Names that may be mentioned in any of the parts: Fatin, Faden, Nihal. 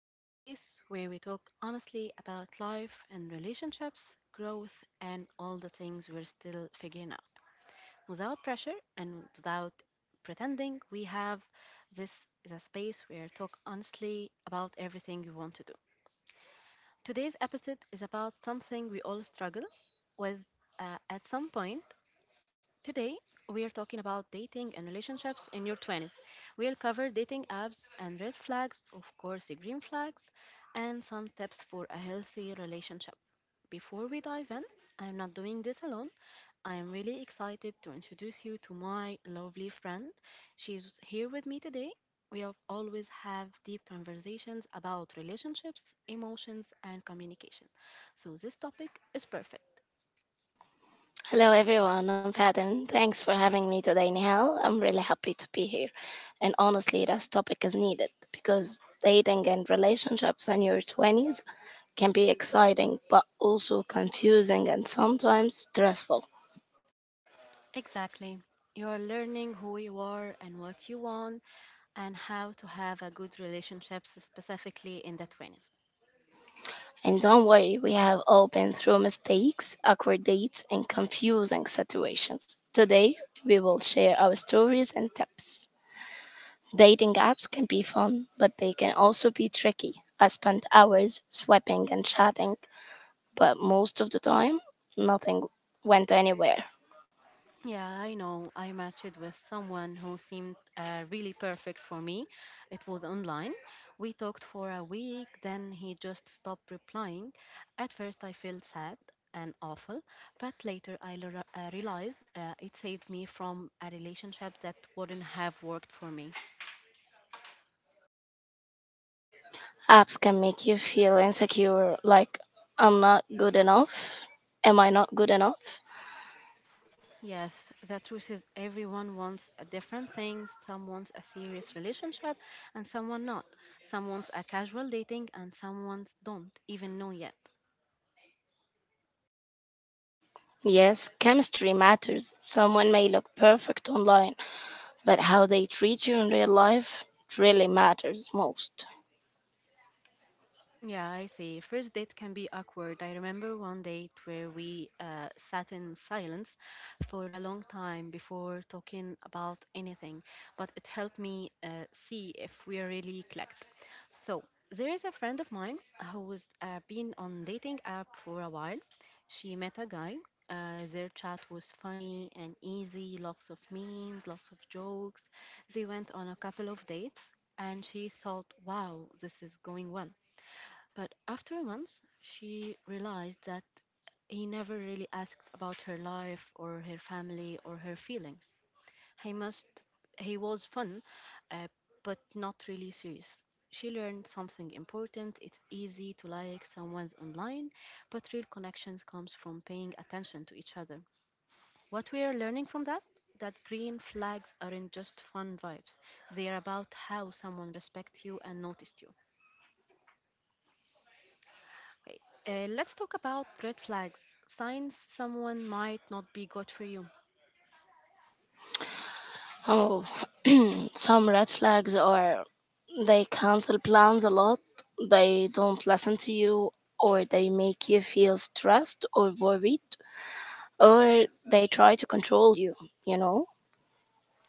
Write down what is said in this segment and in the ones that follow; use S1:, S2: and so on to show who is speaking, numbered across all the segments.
S1: This space where we talk honestly about life and relationships, growth, and all the things we're still figuring out. Without pressure and without pretending, we have this is a space where talk honestly about everything you want to do. Today's episode is about something we all struggle with at some point. Today, we are talking about dating and relationships in your 20s. We'll cover dating apps and red flags, of course, the green flags, and some tips for a healthy relationship. Before we dive in, I'm not doing this alone. I am really excited to introduce you to my lovely friend. She's here with me today. We have always have deep conversations about relationships, emotions, and communication. So this topic is perfect.
S2: Hello, everyone. I'm Faden. Thanks for having me today, Nihal. I'm really happy to be here. And honestly, this topic is needed because dating and relationships in your 20s can be exciting, but also confusing and sometimes stressful.
S1: Exactly. You are learning who you are and what you want and how to have a good relationship specifically in the 20s.
S2: And don't worry, we have all been through mistakes, awkward dates, and confusing situations. Today, we will share our stories and tips. Dating apps can be fun, but they can also be tricky. I spent hours swiping and chatting, but most of the time, nothing went anywhere.
S1: Yeah, I know. I matched with someone who seemed really perfect for me. It was online. We talked for a week, then he just stopped replying. At first, I felt sad and awful, but later I realized it saved me from a relationship that wouldn't have worked for me.
S2: Apps can make you feel insecure, like, I'm not good enough. Am I not good enough?
S1: Yes, the truth is everyone wants a different thing. Some wants a serious relationship and someone not. Some wants a casual dating and some wants don't even know yet.
S2: Yes, chemistry matters. Someone may look perfect online, but how they treat you in real life really matters most.
S1: Yeah, I see. First date can be awkward. I remember one date where we sat in silence for a long time before talking about anything, but it helped me see if we are really clicked. So, there is a friend of mine who's been on dating app for a while. She met a guy. Their chat was funny and easy, lots of memes, lots of jokes. They went on a couple of dates and she thought, wow, this is going well. But after a month, she realized that he never really asked about her life or her family or her feelings. He must he was fun, uh, but not really serious. She learned something important. It's easy to like someone's online, but real connections comes from paying attention to each other. What we are learning from that that green flags aren't just fun vibes. They are about how someone respects you and noticed you. Okay, let's talk about red flags, signs someone might not be good for you.
S2: Oh, some red flags are they cancel plans a lot, they don't listen to you, or they make you feel stressed or worried, or they try to control you, you know?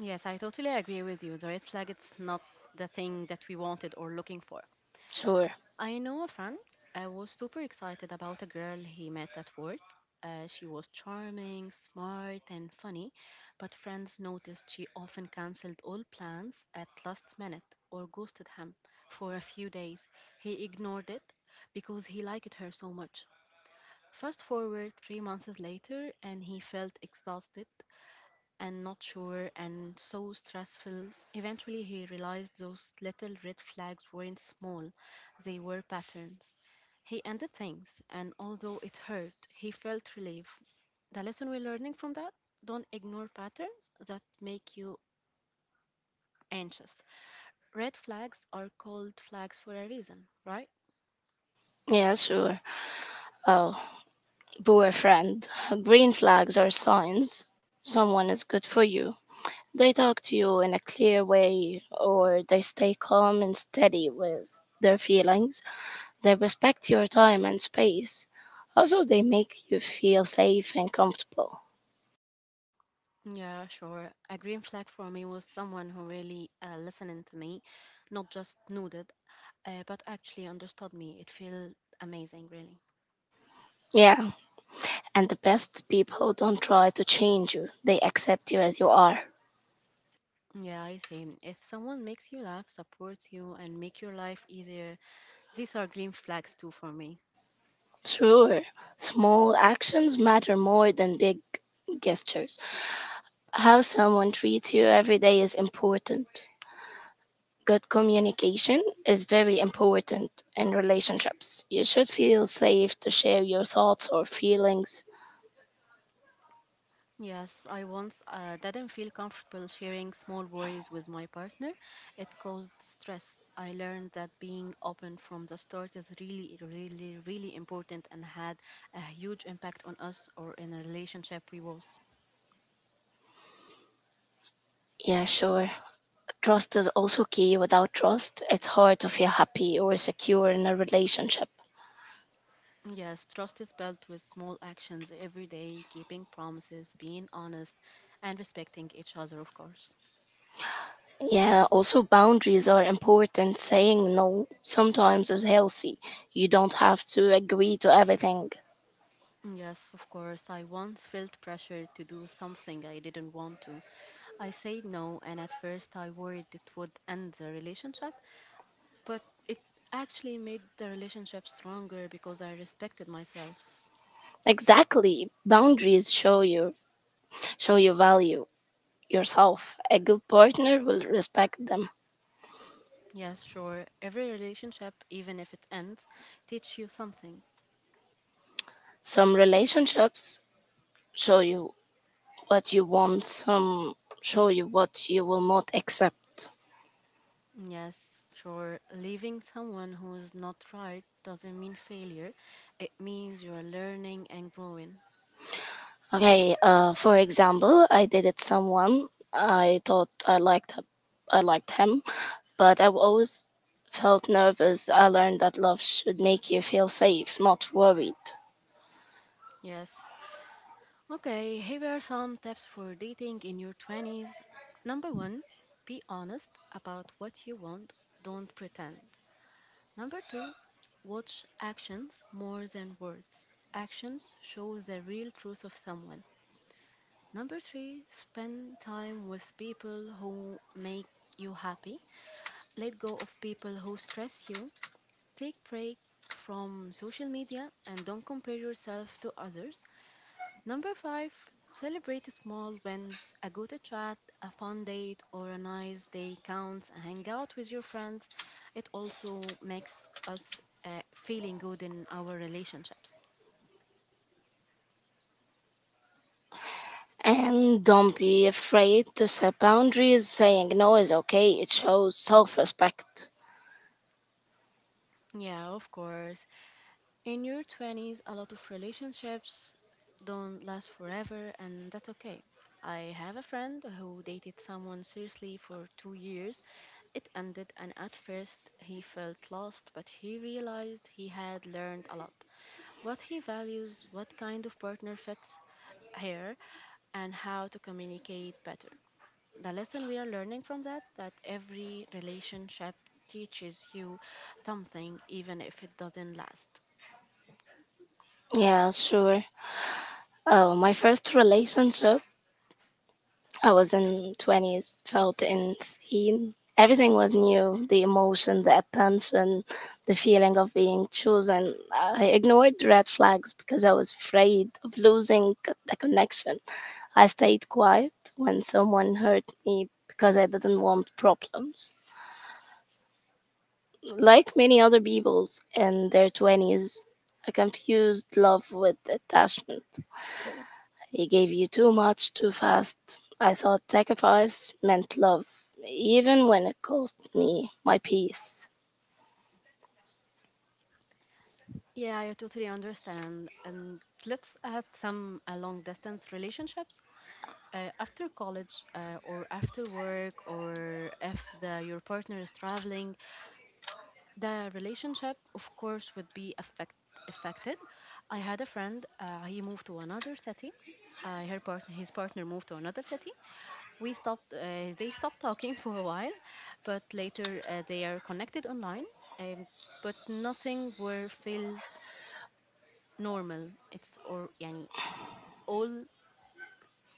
S1: Yes, I totally agree with you. The red flag is not the thing that we wanted or looking for.
S2: Sure.
S1: I know a friend I was super excited about a girl he met at work. She was charming, smart, and funny, but friends noticed she often canceled all plans at last minute or ghosted him for a few days. He ignored it because he liked her so much. Fast forward 3 months later, and he felt exhausted and not sure and so stressful. Eventually, he realized those little red flags weren't small, they were patterns. He ended things, and although it hurt, he felt relief. The lesson we're learning from that don't ignore patterns that make you anxious. Red flags are called flags for a reason, right?
S2: Yeah, sure. Oh, poor friend. Green flags are signs someone is good for you. They talk to you in a clear way, or they stay calm and steady with their feelings. They respect your time and space. Also, they make you feel safe and comfortable.
S1: Yeah, sure. A green flag for me was someone who really listened to me, not just nodded, but actually understood me. It felt amazing, really.
S2: Yeah, and the best people don't try to change you, they accept you as you are.
S1: Yeah, I see. If someone makes you laugh, supports you, and make your life easier, these are green flags too for me.
S2: Sure, small actions matter more than big gestures. How someone treats you every day is important. Good communication is very important in relationships. You should feel safe to share your thoughts or feelings.
S1: Yes, I once didn't feel comfortable sharing small worries with my partner. It caused stress. I learned that being open from the start is really, really, really important and had a huge impact on us or in a relationship we was.
S2: Yeah, sure. Trust is also key. Without trust, it's hard to feel happy or secure in a relationship.
S1: Yes, trust is built with small actions every day, keeping promises, being honest, and respecting each other, of course.
S2: Yeah, also boundaries are important. Saying no sometimes is healthy. You don't have to agree to everything.
S1: Yes, of course. I once felt pressure to do something I didn't want to. I said no, and at first I worried it would end the relationship, but it actually made the relationship stronger because I respected myself.
S2: Exactly. Boundaries show you value yourself. A good partner will respect them.
S1: Yes, sure, every relationship, even if it ends, teach you something.
S2: Some relationships show you what you want, some show you what you will not accept.
S1: Yes, sure, leaving someone who is not right doesn't mean failure. It means you're learning and growing.
S2: Okay, for example, I dated someone. I liked him, but I've always felt nervous. I learned that love should make you feel safe, not worried.
S1: Yes, okay, here are some tips for dating in your 20s. Number one, be honest about what you want, don't pretend. Number two, watch actions more than words. Actions show the real truth of someone. Number three, spend time with people who make you happy. Let go of people who stress you. Take break from social media and don't compare yourself to others. Number five, celebrate small wins. A good chat, a fun date, or a nice day counts. Hang out with your friends. It also makes us feeling good in our relationships.
S2: And don't be afraid to set boundaries. Saying no is okay. It shows self-respect.
S1: Yeah, of course. In your 20s, a lot of relationships don't last forever, and that's okay. I have a friend who dated someone seriously for 2 years. It ended, and at first he felt lost, but he realized he had learned a lot, what he values, what kind of partner fits here, and how to communicate better. The lesson we are learning from that that every relationship teaches you something even if it doesn't last.
S2: Yeah, sure. Oh, my first relationship I was in 20s, felt insane. Everything was new the emotion, the attention, the feeling of being chosen. I ignored red flags because I was afraid of losing the connection. I stayed quiet when someone hurt me because I didn't want problems. Like many other peoples in their 20s, I confused love with attachment. He gave you too much too fast. I thought sacrifice meant love, even when it cost me my peace.
S1: Yeah, I totally understand. And let's add some long distance relationships. After college or after work or if the, your partner is traveling, the relationship of course would be affected. I had a friend he moved to another city her partner his partner moved to another city. We stopped they stopped talking for a while, but later they are connected online, um, but nothing were felt normal. It's or yani it's all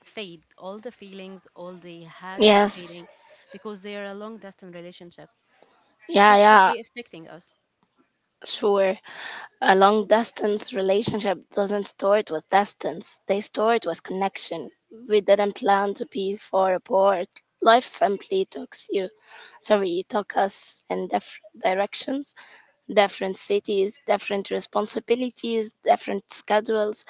S1: fade, all the feelings all they had
S2: Yes,
S1: fading because they are a long distance relationship.
S2: yeah,
S1: This could
S2: yeah,
S1: be affecting us.
S2: sure. A long distance relationship doesn't store it with distance, they store it with connection. We didn't plan to be far apart. Life simply took you, sorry, took us in different directions, different cities, different responsibilities, different schedules.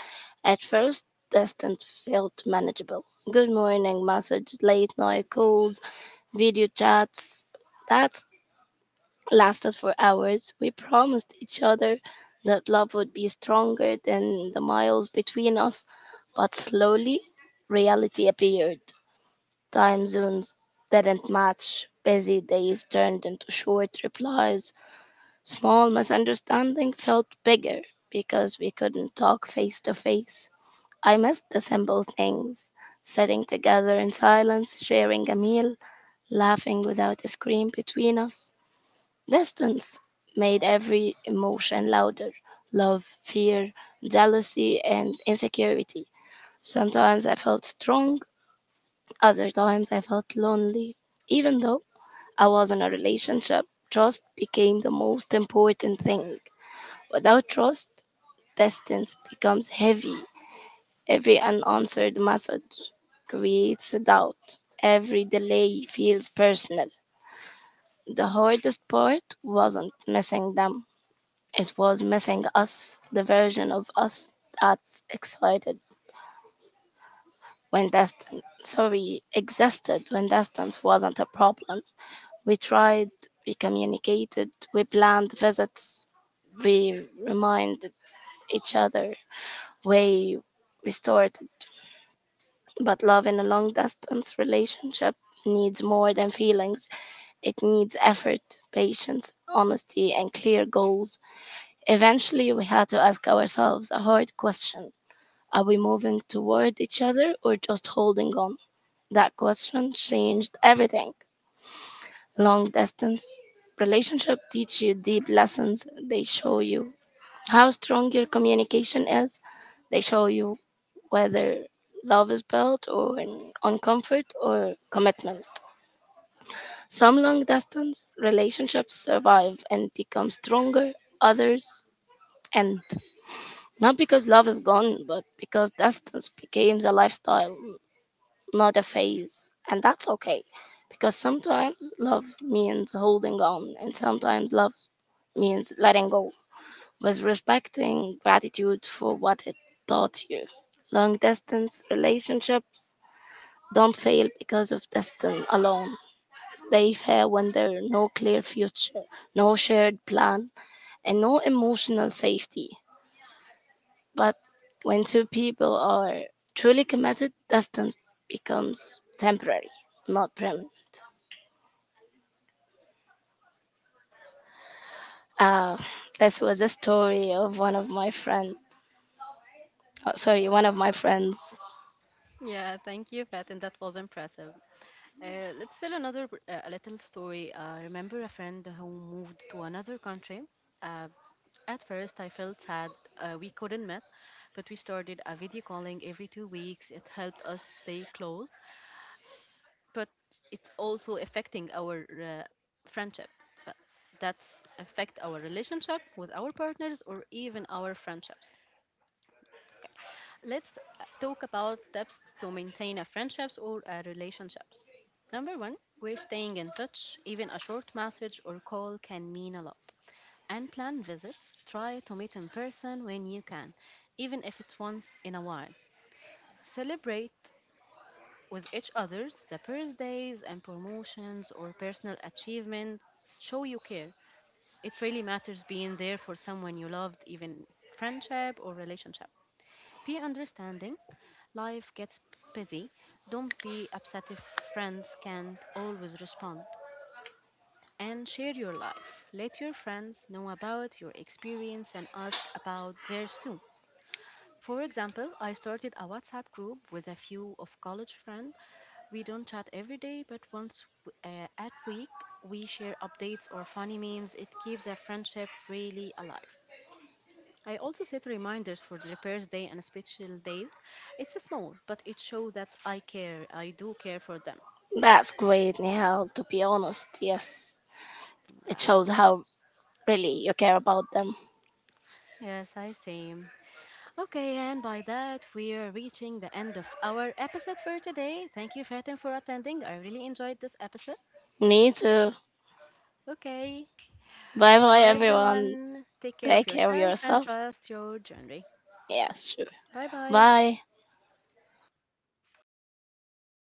S2: At first, distance felt manageable. Good morning message, late night calls, video chats. That lasted for hours. We promised each other that love would be stronger than the miles between us, but slowly reality appeared. Time zones didn't match. Busy days turned into short replies. Small misunderstanding felt bigger because we couldn't talk face to face. I missed the simple things sitting together in silence, sharing a meal, laughing without a screen between us. Distance made every emotion louder love, fear, jealousy, and insecurity. Sometimes I felt strong, other times I felt lonely. Even though I was in a relationship, trust became the most important thing. Without trust, distance becomes heavy. Every unanswered message creates doubt. Every delay feels personal. The hardest part wasn't missing them, it was missing us, the version of us that excited when distance sorry existed when distance wasn't a problem. We tried, we communicated, we planned visits, we reminded each other, we restored. But love in a long distance relationship needs more than feelings. It needs effort, patience, honesty, and clear goals. Eventually, we had to ask ourselves a hard question: are we moving toward each other or just holding on? That question changed everything. Long distance relationship teach you deep lessons. They show you how strong your communication is. They show you whether love is built on comfort or commitment. Some long distance relationships survive and become stronger, others end. Not because love is gone, but because distance becomes a lifestyle, not a phase, and that's okay because sometimes love means holding on, and sometimes love means letting go with respecting gratitude for what it taught you. Long distance relationships don't fail because of distance alone. They fail when there are no clear future, no shared plan, and no emotional safety. But when two people are truly committed, distance becomes temporary, not permanent. Uh, this was a story of one of my friend. Oh, sorry, one of my friends.
S1: Yeah, thank you, Pat, and that was impressive. Let's tell a little story. Remember a friend who moved to another country? Uh, at first, I felt sad we couldn't meet, but we started a video calling every 2 weeks. It helped us stay close, but it's also affecting our friendship. But That's affect our relationship with our partners or even our friendships. Let's talk about tips to maintain a friendships or a relationships. Number one, we're staying in touch. Even a short message or call can mean a lot. And plan visits. Try to meet in person when you can, even if it's once in a while. Celebrate with each other's the birthdays and promotions or personal achievements. Show you care. It really matters being there for someone you loved, even friendship or relationship. Be understanding. Life gets busy. Don't be upset if friends can't always respond. And share your life. Let your friends know about your experience and ask about theirs too. For example, I started a WhatsApp group with a few of college friends. We don't chat every day, but once at week we share updates or funny memes. It keeps the friendship really alive. I also set reminders for the repairs day and special days. It's small, but it shows that I care. I do care for them.
S2: That's great, Nihal. To be honest, yes, it
S1: Um,
S2: shows how really you care about them.
S1: yes, I see. Okay, and by that, we're reaching the end of our episode for today. Thank you, Fatin, for attending. I really enjoyed this episode.
S2: Me too.
S1: Okay,
S2: Bye bye,
S1: bye
S2: everyone.
S1: everyone. Take care of
S2: Take care of
S1: yourself and
S2: yourself.
S1: trust your journey.
S2: Yeah, sure.
S1: Bye bye.
S2: Bye.